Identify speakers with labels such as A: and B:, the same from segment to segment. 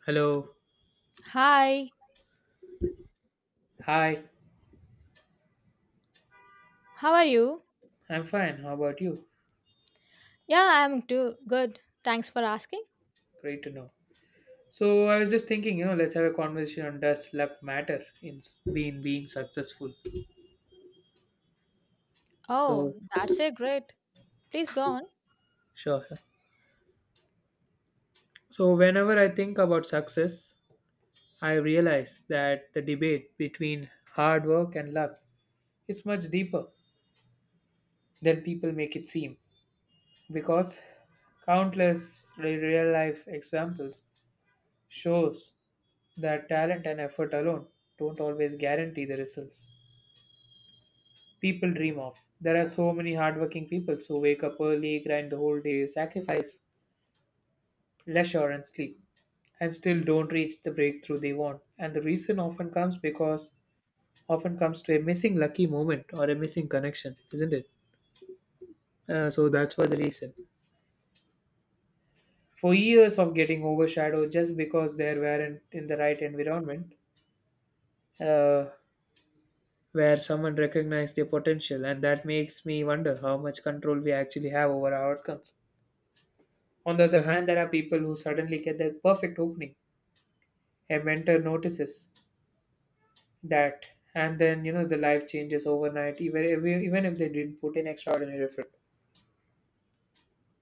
A: Hello.
B: Hi,
A: Hi.
B: how are you?
A: I'm fine. How about you?
B: Yeah, I'm too good. Thanks for asking.
A: Great to know. So I was just thinking, let's have a conversation on does luck matter in being successful. So
B: Oh, that's a great. Please go on.
A: sure. So whenever I think about success, I realize that the debate between hard work and luck is much deeper than people make it seem, because countless real life examples shows that talent and effort alone don't always guarantee the results people dream of. There are so many hardworking people who wake up early, grind the whole day, sacrifice leisure and sleep, and still don't reach the breakthrough they want. And the reason often comes to a missing lucky moment or a missing connection, isn't it? So that's for the reason. For years of getting overshadowed just because they weren't in the right environment, uh, where someone recognized their potential, and that makes me wonder how much control we actually have over our outcomes. On the other hand, there are people who suddenly get the perfect opening. A mentor notices that, and then you know the life changes overnight, even if they didn't put in extraordinary effort.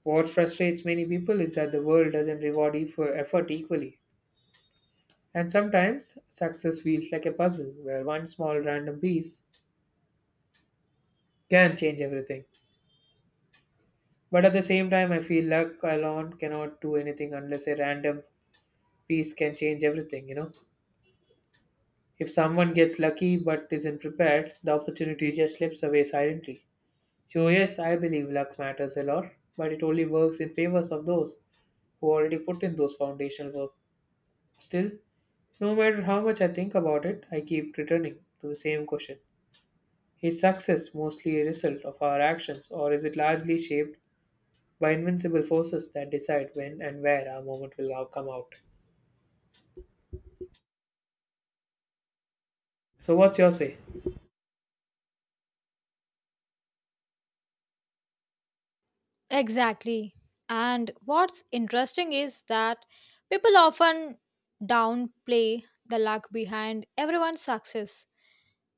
A: What frustrates many people is that the world doesn't reward for effort equally, and sometimes success feels like a puzzle where one small random piece can change everything. But at the same time, I feel luck alone cannot do anything unless a random piece can change everything. If someone gets lucky but isn't prepared, the opportunity just slips away silently. So, yes, I believe luck matters a lot, but it only works in favors of those who already put in those foundational work. Still, no matter how much I think about it, I keep returning to the same question. Is success mostly a result of our actions, or is it largely shaped by invincible forces that decide when and where our moment will now come out? So, what's your say?
B: Exactly. And what's interesting is that people often downplay the luck behind everyone's success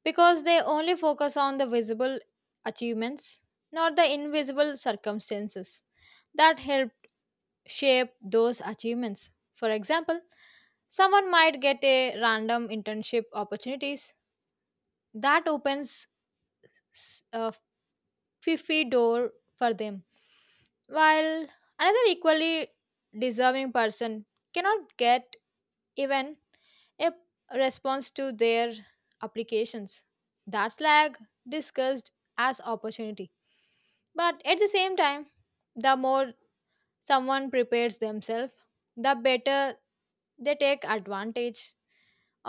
B: because they only focus on the visible achievements, not the invisible circumstances that helped shape those achievements. For example, someone might get a random internship opportunities that opens a fifi door for them, while another equally deserving person cannot get even a response to their applications. That's lag discussed as opportunity. But at the same time, the more someone prepares themselves, the better they take advantage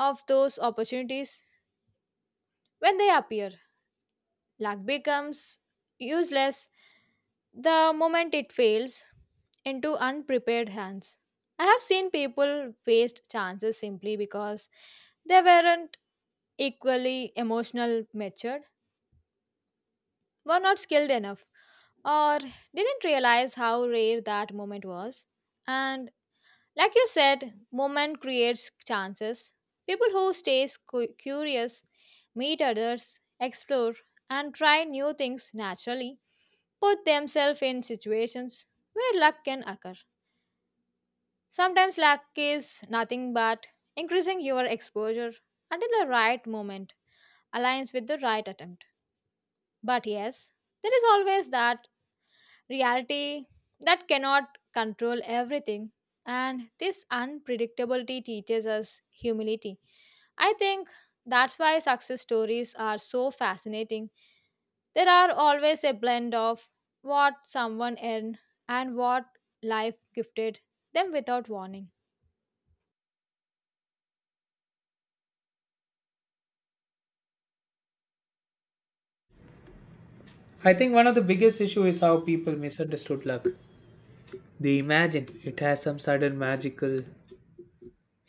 B: of those opportunities when they appear. Luck becomes useless the moment it fails into unprepared hands. I have seen people waste chances simply because they weren't equally emotional matured, were not skilled enough, or didn't realize how rare that moment was. And like you said, movement creates chances. People who stay curious, meet others, explore, and try new things naturally put themselves in situations where luck can occur. Sometimes luck is nothing but increasing your exposure until the right moment aligns with the right attempt. But yes, there is always that reality that cannot control everything. And this unpredictability teaches us humility. I think that's why success stories are so fascinating. There are always a blend of what someone earned and what life gifted them without warning.
A: I think one of the biggest issues is how people misunderstood luck. They imagine it has some sudden magical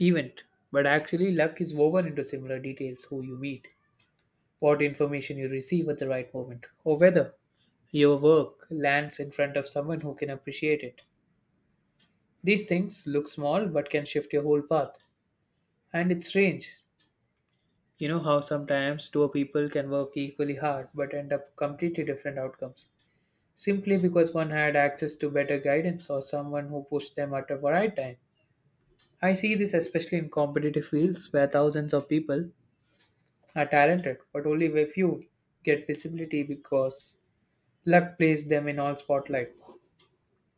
A: event, but actually, luck is woven into similar details: who you meet, what information you receive at the right moment, or whether your work lands in front of someone who can appreciate it. These things look small but can shift your whole path. And it's strange, you know, how sometimes two people can work equally hard but end up completely different outcomes simply because one had access to better guidance or someone who pushed them at the right time. I see this especially in competitive fields where thousands of people are talented, but only a few get visibility because luck places them in all spotlight.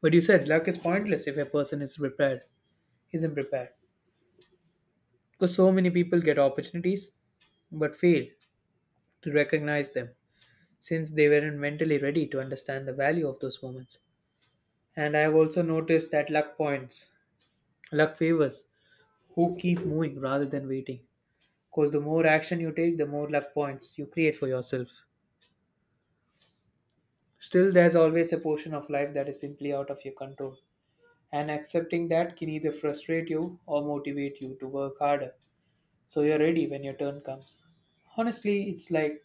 A: But you said luck is pointless if a person is prepared, isn't prepared. Because so many people get opportunities but fail to recognize them since they weren't mentally ready to understand the value of those moments. And I have also noticed that luck favors who keep moving rather than waiting. Because the more action you take, the more luck points you create for yourself. Still, there's always a portion of life that is simply out of your control. And accepting that can either frustrate you or motivate you to work harder so you're ready when your turn comes. Honestly, it's like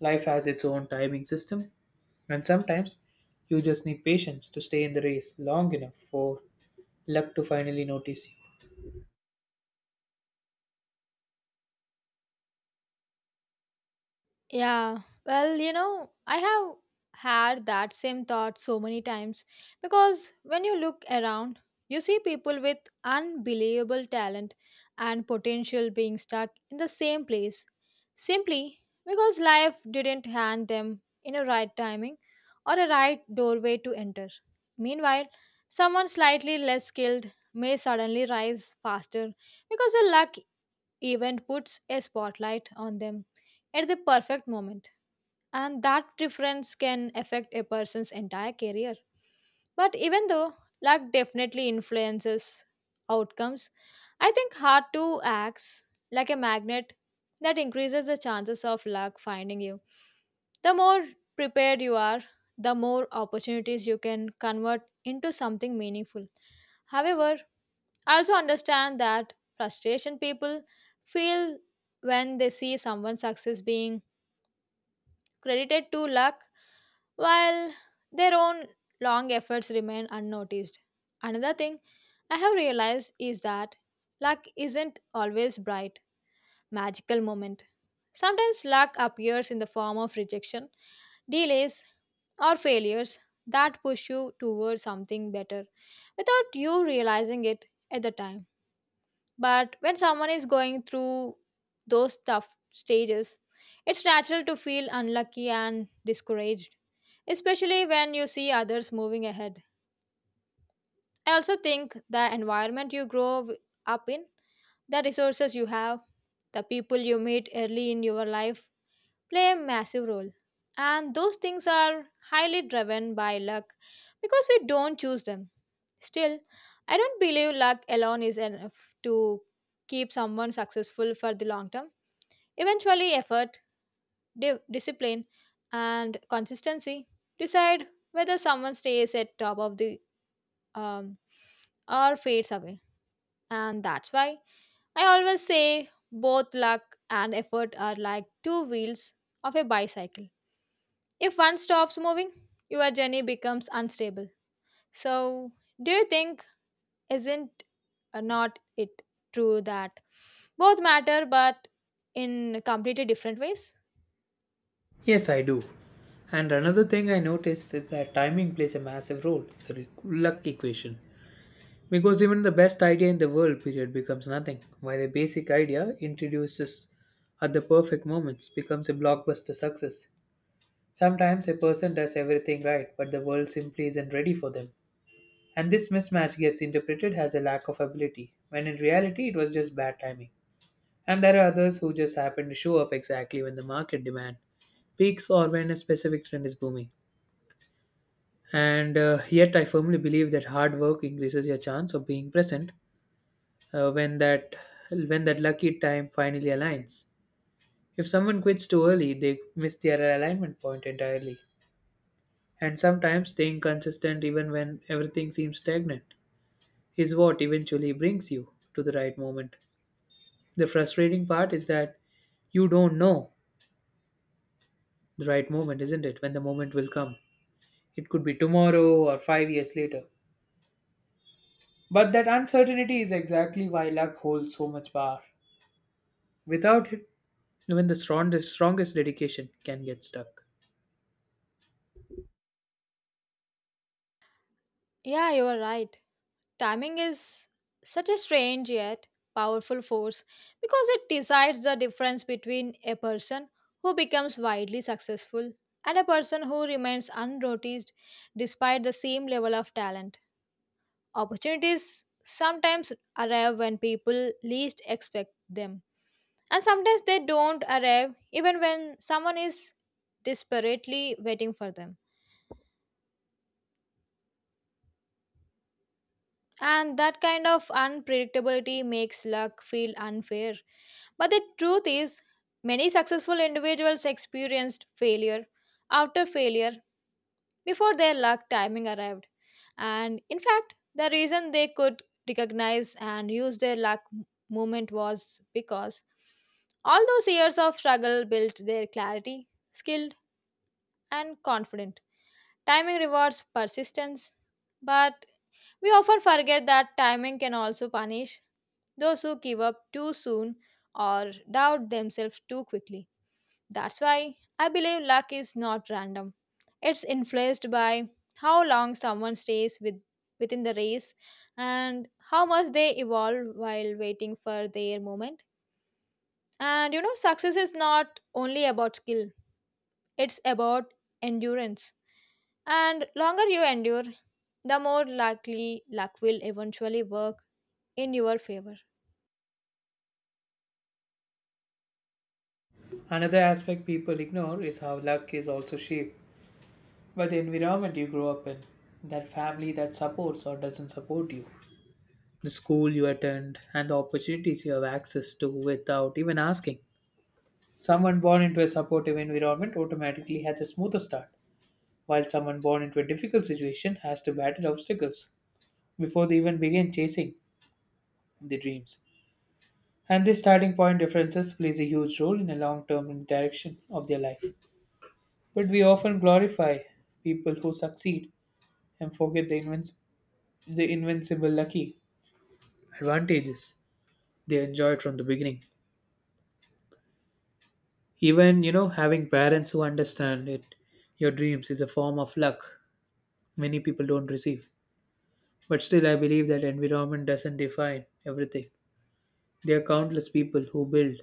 A: life has its own timing system, and sometimes you just need patience to stay in the race long enough for luck to finally notice you.
B: Yeah, well, you know, I have had that same thought so many times because when you look around, you see people with unbelievable talent and potential being stuck in the same place simply because life didn't hand them in a right timing or a right doorway to enter. Meanwhile, someone slightly less skilled may suddenly rise faster because the luck event puts a spotlight on them at the perfect moment, and that difference can affect a person's entire career. But even though luck definitely influences outcomes, I think hard to acts like a magnet that increases the chances of luck finding you. The more prepared you are, the more opportunities you can convert into something meaningful. However, I also understand that frustration people feel when they see someone's success being credited to luck while their own long efforts remain unnoticed. Another thing I have realized is that luck isn't always bright, magical moment. Sometimes luck appears in the form of rejection, delays, or failures that push you towards something better without you realizing it at the time. But when someone is going through those tough stages, it's natural to feel unlucky and discouraged, especially when you see others moving ahead. I also think the environment you grow up in, the resources you have, the people you meet early in your life play a massive role. And those things are highly driven by luck because we don't choose them. Still, I don't believe luck alone is enough to keep someone successful for the long term. Eventually, effort, discipline, and consistency decide whether someone stays at top of the um, or fades away. And that's why I always say both luck and effort are like two wheels of a bicycle. If one stops moving, your journey becomes unstable. So, do you think isn't not it true that both matter but in completely different ways?
A: Yes, I do. And another thing I noticed is that timing plays a massive role in the luck equation. Because even the best idea in the world period becomes nothing, while a basic idea introduces at the perfect moments becomes a blockbuster success. Sometimes a person does everything right, but the world simply isn't ready for them. And this mismatch gets interpreted as a lack of ability, when in reality it was just bad timing. And there are others who just happen to show up exactly when the market demand peaks or when a specific trend is booming. And yet, I firmly believe that hard work increases your chance of being present when that lucky time finally aligns. If someone quits too early, they miss their alignment point entirely, and sometimes staying consistent even when everything seems stagnant is what eventually brings you to the right moment. The frustrating part is that you don't know the right moment, isn't it? When the moment will come. It could be tomorrow or 5 years later. But that uncertainty is exactly why luck holds so much power. Without it, even the strongest, strongest dedication can get stuck.
B: Yeah, you are right. Timing is such a strange yet powerful force because it decides the difference between a person who becomes widely successful and a person who remains unnoticed despite the same level of talent. Opportunities sometimes arrive when people least expect them, and sometimes they don't arrive even when someone is desperately waiting for them. And that kind of unpredictability makes luck feel unfair. But the truth is, many successful individuals experienced failure after failure before their luck timing arrived. And in fact, the reason they could recognize and use their luck moment was because all those years of struggle built their clarity, skill, and confidence. Timing rewards persistence, but we often forget that timing can also punish those who give up too soon or doubt themselves too quickly. That's why I believe luck is not random. It's influenced by how long someone stays with, within the race and how much they evolve while waiting for their moment. And you know, success is not only about skill, it's about endurance. And longer you endure, the more likely luck will eventually work in your favor.
A: Another aspect people ignore is how luck is also shaped by the environment you grow up in, that family that supports or doesn't support you, the school you attend, and the opportunities you have access to without even asking. Someone born into a supportive environment automatically has a smoother start, while someone born into a difficult situation has to battle obstacles before they even begin chasing their dreams. And this starting point differences plays a huge role in the long term direction of their life. But we often glorify people who succeed and forget the, the invincible lucky advantages they enjoyed from the beginning. Even, you know, having parents who understand it, your dreams is a form of luck many people don't receive. But still, I believe that environment doesn't define everything. There are countless people who build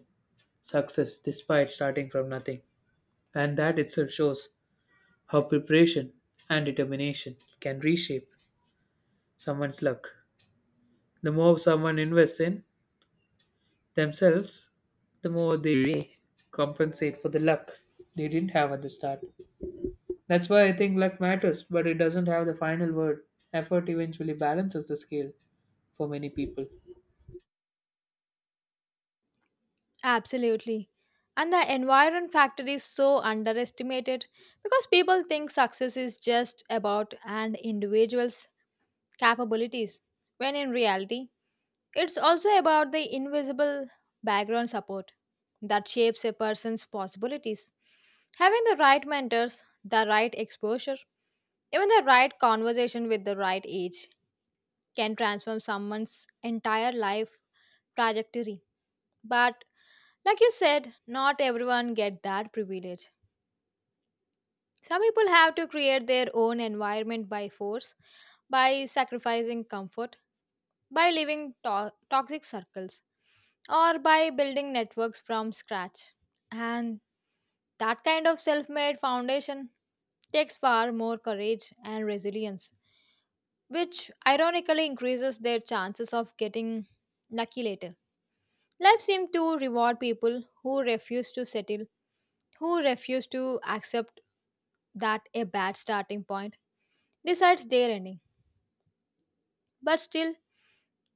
A: success despite starting from nothing. And that itself shows how preparation and determination can reshape someone's luck. The more someone invests in themselves, the more they compensate for the luck they didn't have at the start. That's why I think luck matters, but it doesn't have the final word. Effort eventually balances the scale for many people.
B: Absolutely. And the environment factor is so underestimated because people think success is just about an individual's capabilities, when in reality, it's also about the invisible background support that shapes a person's possibilities. Having the right mentors, the right exposure, even the right conversation with the right age can transform someone's entire life trajectory. But like you said, not everyone get that privilege. Some people have to create their own environment by force, by sacrificing comfort, by leaving toxic circles, or by building networks from scratch. And that kind of self-made foundation takes far more courage and resilience, which ironically increases their chances of getting lucky later. Life seems to reward people who refuse to settle who refuse to accept that a bad starting point decides their ending. But still,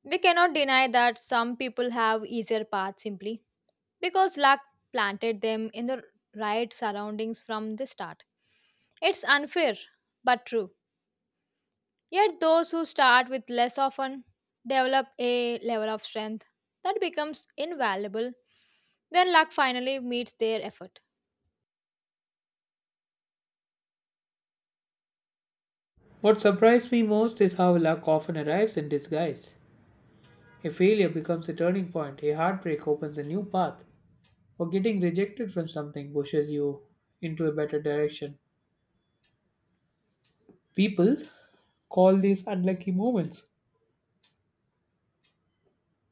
B: we cannot deny that some people have easier paths simply because luck planted them in the right surroundings from the start. It's unfair but true. Yet, those who start with less often develop a level of strength that becomes invaluable when luck finally meets their effort.
A: What surprised me most is how luck often arrives in disguise. A failure becomes a turning point, a heartbreak opens a new path, or getting rejected from something pushes you into a better direction. People call these unlucky moments,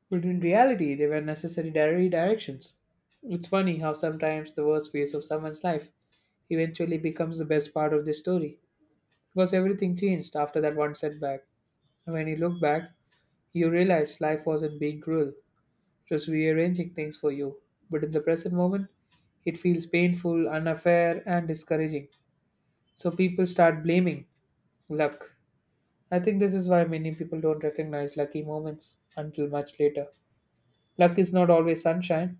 A: but in reality, they were necessary directions. It's funny how sometimes the worst phase of someone's life eventually becomes the best part of the story. Because everything changed after that one setback. And when you look back, you realize life wasn't being cruel, just rearranging things for you. But in the present moment, it feels painful, unfair, and discouraging. So people start blaming luck. I think this is why many people don't recognize lucky moments until much later. Luck is not always sunshine.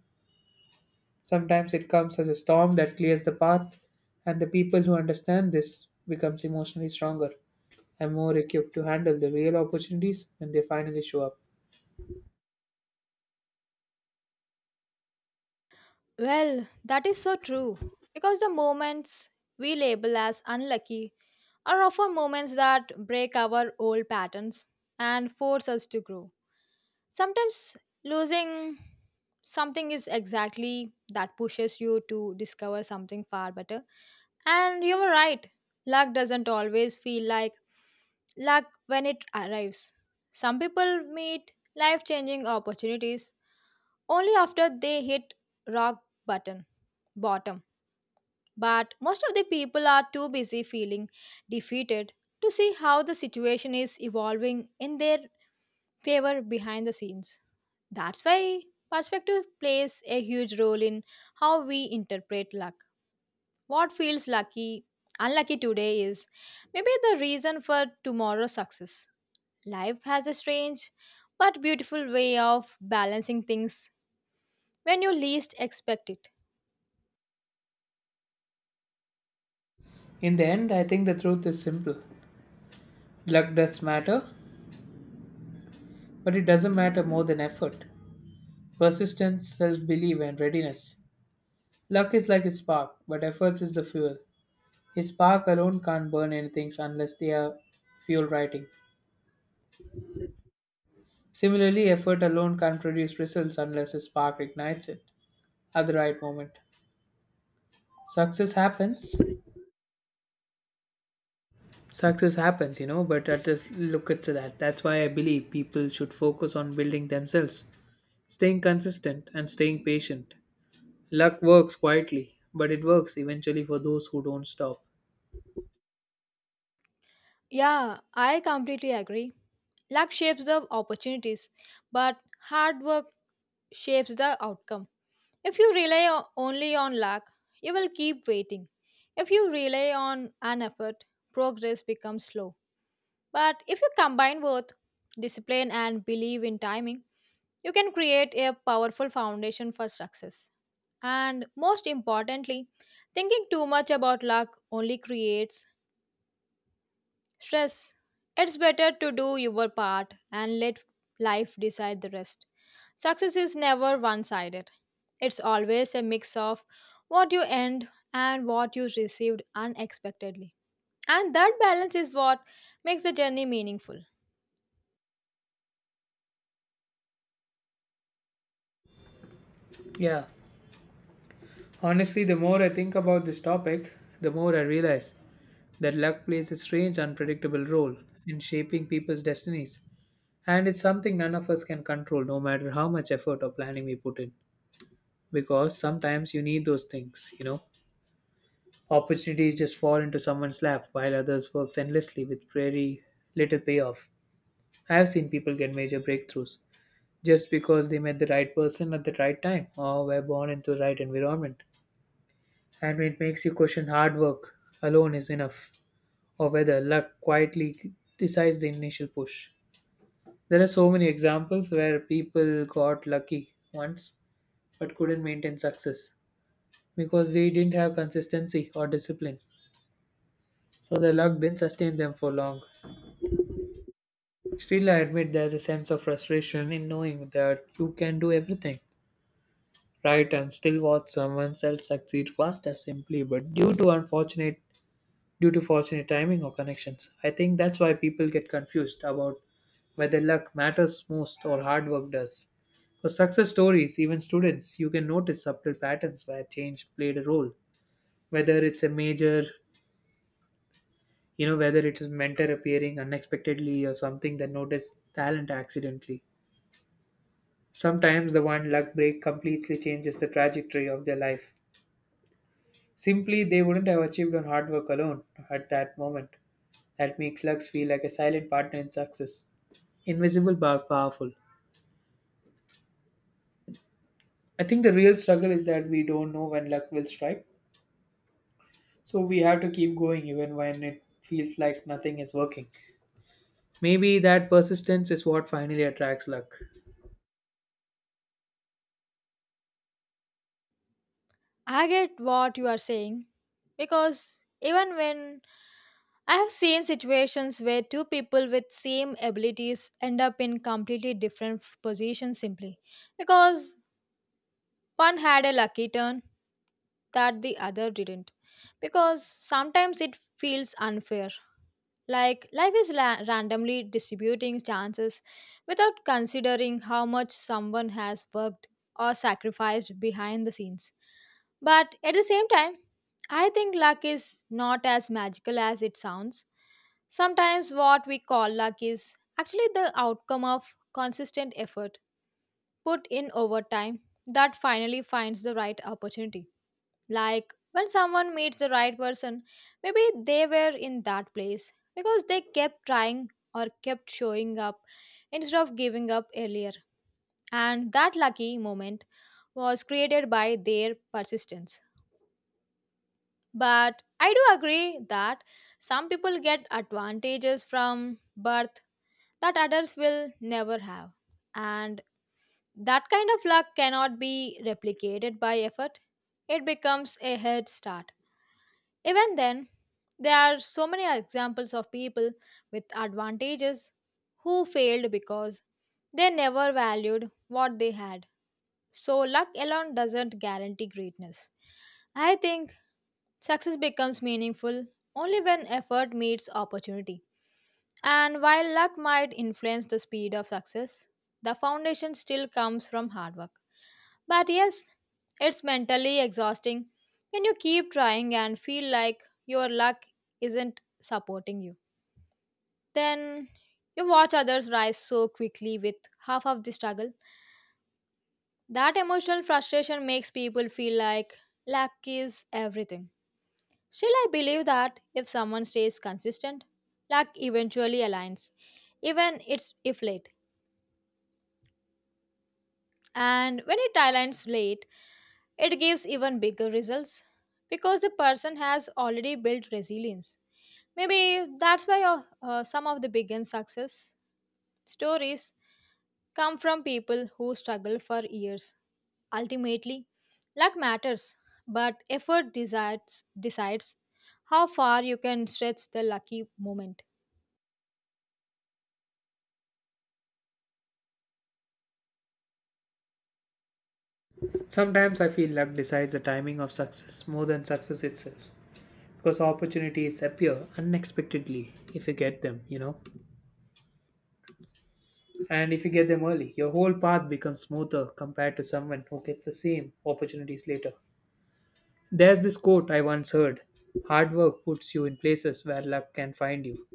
A: Sometimes it comes as a storm that clears the path, and the people who understand this becomes emotionally stronger and more equipped to handle the real opportunities when they finally show up.
B: Well, that is so true. Because the moments we label as unlucky are often moments that break our old patterns and force us to grow. Sometimes losing something is exactly that pushes you to discover something far better and you were right. Luck doesn't always feel like luck when it arrives. Some people meet life changing opportunities only after they hit rock button bottom. But most of the people are too busy feeling defeated to see how the situation is evolving in their favor behind the scenes. That's why perspective plays a huge role in how we interpret luck. What feels lucky, unlucky today is maybe the reason for tomorrow's success. Life has a strange but beautiful way of balancing things when you least expect it.
A: In the end, I think the truth is simple. Luck does matter, but it doesn't matter more than effort, persistence, self belief, and readiness. Luck is like a spark, but effort is the fuel. A spark alone can't burn anything unless they are fuel writing. Similarly, effort alone can't produce results unless a spark ignites it at the right moment. Success happens. Success happens, but let us look at that. That's why I believe people should focus on building themselves, staying consistent, and staying patient. Luck works quietly, but it works eventually for those who don't stop.
B: Yeah, I completely agree. Luck shapes the opportunities, but hard work shapes the outcome. If you rely only on luck, you will keep waiting. If you rely on an effort, progress becomes slow. But if you combine both discipline and believe in timing, you can create a powerful foundation for success. And most importantly, thinking too much about luck only creates stress. It's better to do your part and let life decide the rest. Success is never one sided, it's always a mix of what you earned and what you received unexpectedly. And that balance is what makes the journey meaningful.
A: Yeah. Honestly, the more I think about this topic, the more I realize that luck plays a strange, unpredictable role in shaping people's destinies. And it's something none of us can control, no matter how much effort or planning we put in. Because sometimes you need those things, opportunities just fall into someone's lap while others works endlessly with very little payoff. I have seen people get major breakthroughs just because they met the right person at the right time or were born into the right environment, and it makes you question hard work alone is enough, or whether luck quietly decides the initial push. There are so many examples where people got lucky once but couldn't maintain success because they didn't have consistency or discipline. So the luck didn't sustain them for long. Still, I admit there's a sense of frustration in knowing that you can do everything right and still watch someone else succeed faster simply, but due to unfortunate, due to fortunate timing or connections. I think that's why people get confused about whether luck matters most or hard work does. For success stories, even students, you can notice subtle patterns where change played a role. Whether it's a major, whether it is mentor appearing unexpectedly, or something that noticed talent accidentally, sometimes the one luck break completely changes the trajectory of their life simply they wouldn't have achieved on hard work alone at that moment. That makes luck feel like a silent partner in success, invisible but powerful. I think the real struggle is that we don't know when luck will strike, so we have to keep going even when it feels like nothing is working. Maybe that persistence is what finally attracts luck.
B: I get what you are saying because even when I have seen situations where two people with same abilities end up in completely different positions simply because one had a lucky turn that the other didn't because sometimes it feels unfair like, life is randomly distributing chances without considering how much someone has worked or sacrificed behind the scenes. But at the same time, I think luck is not as magical as it sounds. Sometimes what we call luck is actually the outcome of consistent effort put in over time that finally finds the right opportunity. Like when someone meets the right person, maybe they were in that place because they kept trying or kept showing up instead of giving up earlier. And that lucky moment was created by their persistence. But I do agree that some people get advantages from birth that others will never have. And that kind of luck cannot be replicated by effort, it becomes a head start. Even then, there are so many examples of people with advantages who failed because they never valued what they had. So, luck alone doesn't guarantee greatness. I think success becomes meaningful only when effort meets opportunity. And while luck might influence the speed of success, the foundation still comes from hard work. But yes, it's mentally exhausting when you keep trying and feel like your luck isn't supporting you. Then you watch others rise so quickly with half of the struggle. That emotional frustration makes people feel like luck is everything. Still, I believe that if someone stays consistent, luck eventually aligns, even it's if late. And when it aligns late, it gives even bigger results because the person has already built resilience. Maybe that's why some of the biggest success stories come from people who struggle for years. Ultimately, luck matters, but effort decides how far you can stretch the lucky moment.
A: Sometimes I feel luck decides the timing of success more than success itself, because opportunities appear unexpectedly if you get them. And if you get them early, your whole path becomes smoother compared to someone who gets the same opportunities later. There's this quote I once heard: hard work puts you in places where luck can find you.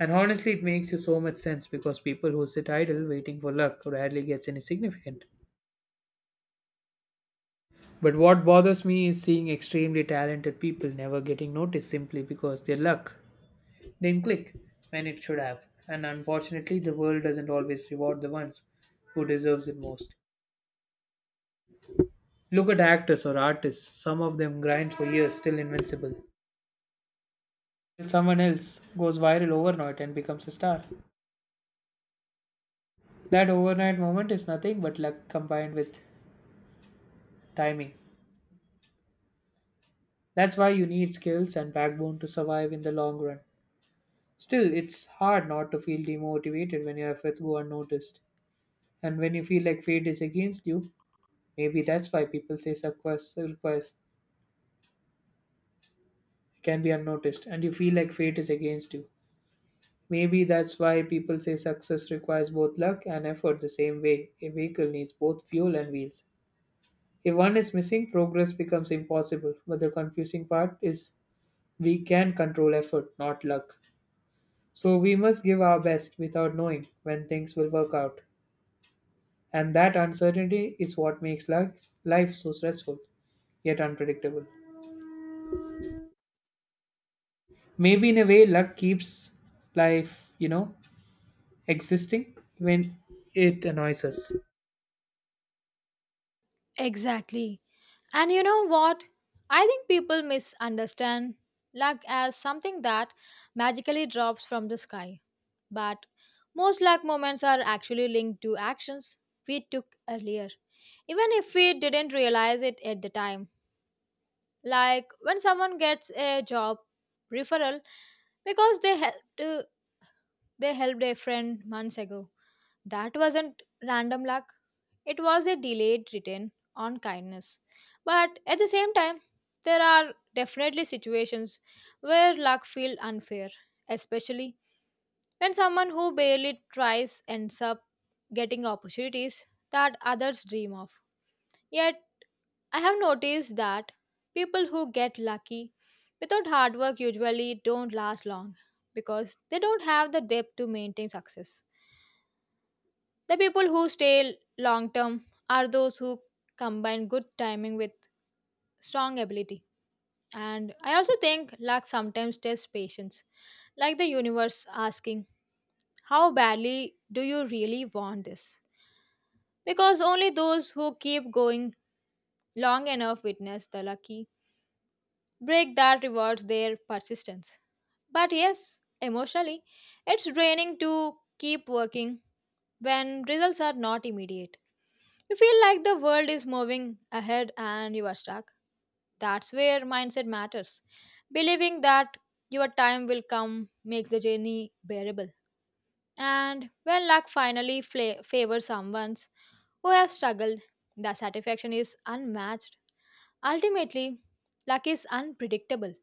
A: And honestly, it makes you so much sense because people who sit idle waiting for luck rarely gets any significant. But what bothers me is seeing extremely talented people never getting noticed simply because their luck didn't click when it should have. And unfortunately, the world doesn't always reward the ones who deserves it most. Look at actors or artists. Some of them grind for years, still invincible, till someone else goes viral overnight and becomes a star. That overnight moment is nothing but luck combined with timing. That's why you need skills and backbone to survive in the long run. Still, it's hard not to feel demotivated when your efforts go unnoticed. And when you feel like fate is against you, maybe that's why people say success requires can be unnoticed and you feel like fate is against you. Maybe that's why people say success requires both luck and effort, the same way a vehicle needs both fuel and wheels. If one is missing, progress becomes impossible. But the confusing part is we can control effort, not luck. So we must give our best without knowing when things will work out. And that uncertainty is what makes life so stressful, yet unpredictable. Maybe in a way, luck keeps life existing when it annoys us.
B: Exactly. And you know what? I think people misunderstand luck as something that magically drops from the sky. But most luck moments are actually linked to actions we took earlier, even if we didn't realize it at the time. Like when someone gets a job referral because they helped a friend months ago. That wasn't random luck, it was a delayed return on kindness. But at the same time, there are definitely situations where luck feels unfair, especially when someone who barely tries ends up getting opportunities that others dream of. Yet, I have noticed that people who get lucky without hard work usually don't last long because they don't have the depth to maintain success. The people who stay long term are those who combine good timing with strong ability. And I also think luck sometimes tests patience, like the universe asking, how badly do you really want this? Because only those who keep going long enough witness the lucky break that rewards their persistence. But yes, emotionally, it's draining to keep working when results are not immediate. You feel like the world is moving ahead and you are stuck. That's where mindset matters. Believing that your time will come makes the journey bearable. And when luck finally favors someone who has struggled, the satisfaction is unmatched. Ultimately, luck is unpredictable,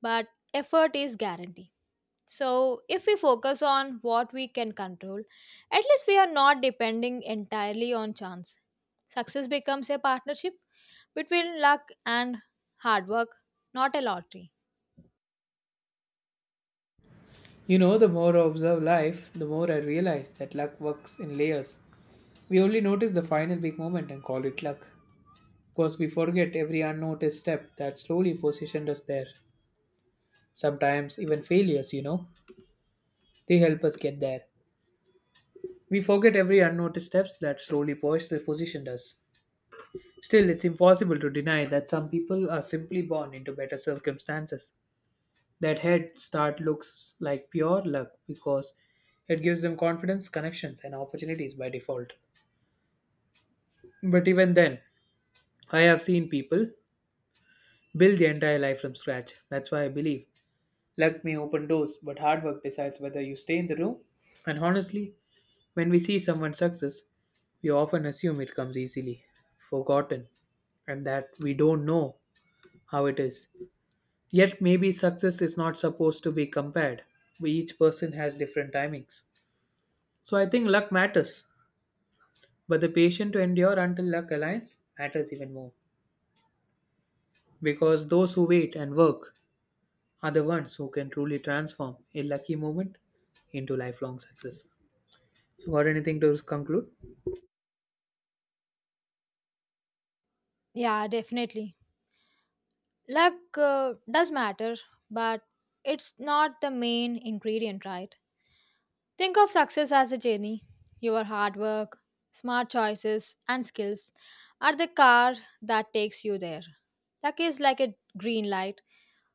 B: but effort is guaranteed. So, if we focus on what we can control, at least we are not depending entirely on chance. Success becomes a partnership between luck and hard work, not a lottery.
A: The more I observe life, the more I realize that luck works in layers. We only notice the final big moment and call it luck, because we forget every unnoticed step that slowly positioned us there. Sometimes even failures, they help us get there. We forget every unnoticed steps that slowly positioned us. Still, it's impossible to deny that some people are simply born into better circumstances. That head start looks like pure luck because it gives them confidence, connections, and opportunities by default. But even then, I have seen people build the entire life from scratch. That's why I believe luck may open doors, but hard work decides whether you stay in the room. And honestly, when we see someone's success, we often assume it comes easily, forgotten, and that we don't know how it is. Yet, maybe success is not supposed to be compared. We, each person has different timings. So I think luck matters, but the patience to endure until luck aligns matters even more. Because those who wait and work are the ones who can truly transform a lucky moment into lifelong success. So, got anything to conclude?
B: Yeah, definitely. Luck does matter, but it's not the main ingredient, right? Think of success as a journey. Your hard work, smart choices, and skills are the car that takes you there. Luck is like a green light,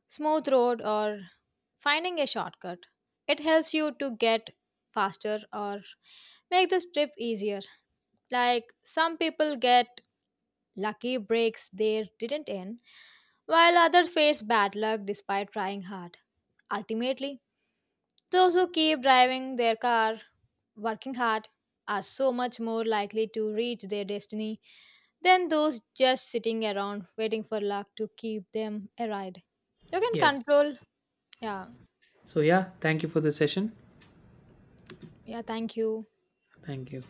B: smooth road, or finding a shortcut. It helps you to get faster or make this trip easier. Like some people get lucky breaks there didn't end, while others faced bad luck despite trying hard. Ultimately, those who keep driving their car, working hard, are so much more likely to reach their destiny than those just sitting around waiting for luck to keep them arrived. You can
A: Yes.
B: control. Yeah,
A: So, yeah, thank you for the session.
B: yeah, thank you.
A: Thank you.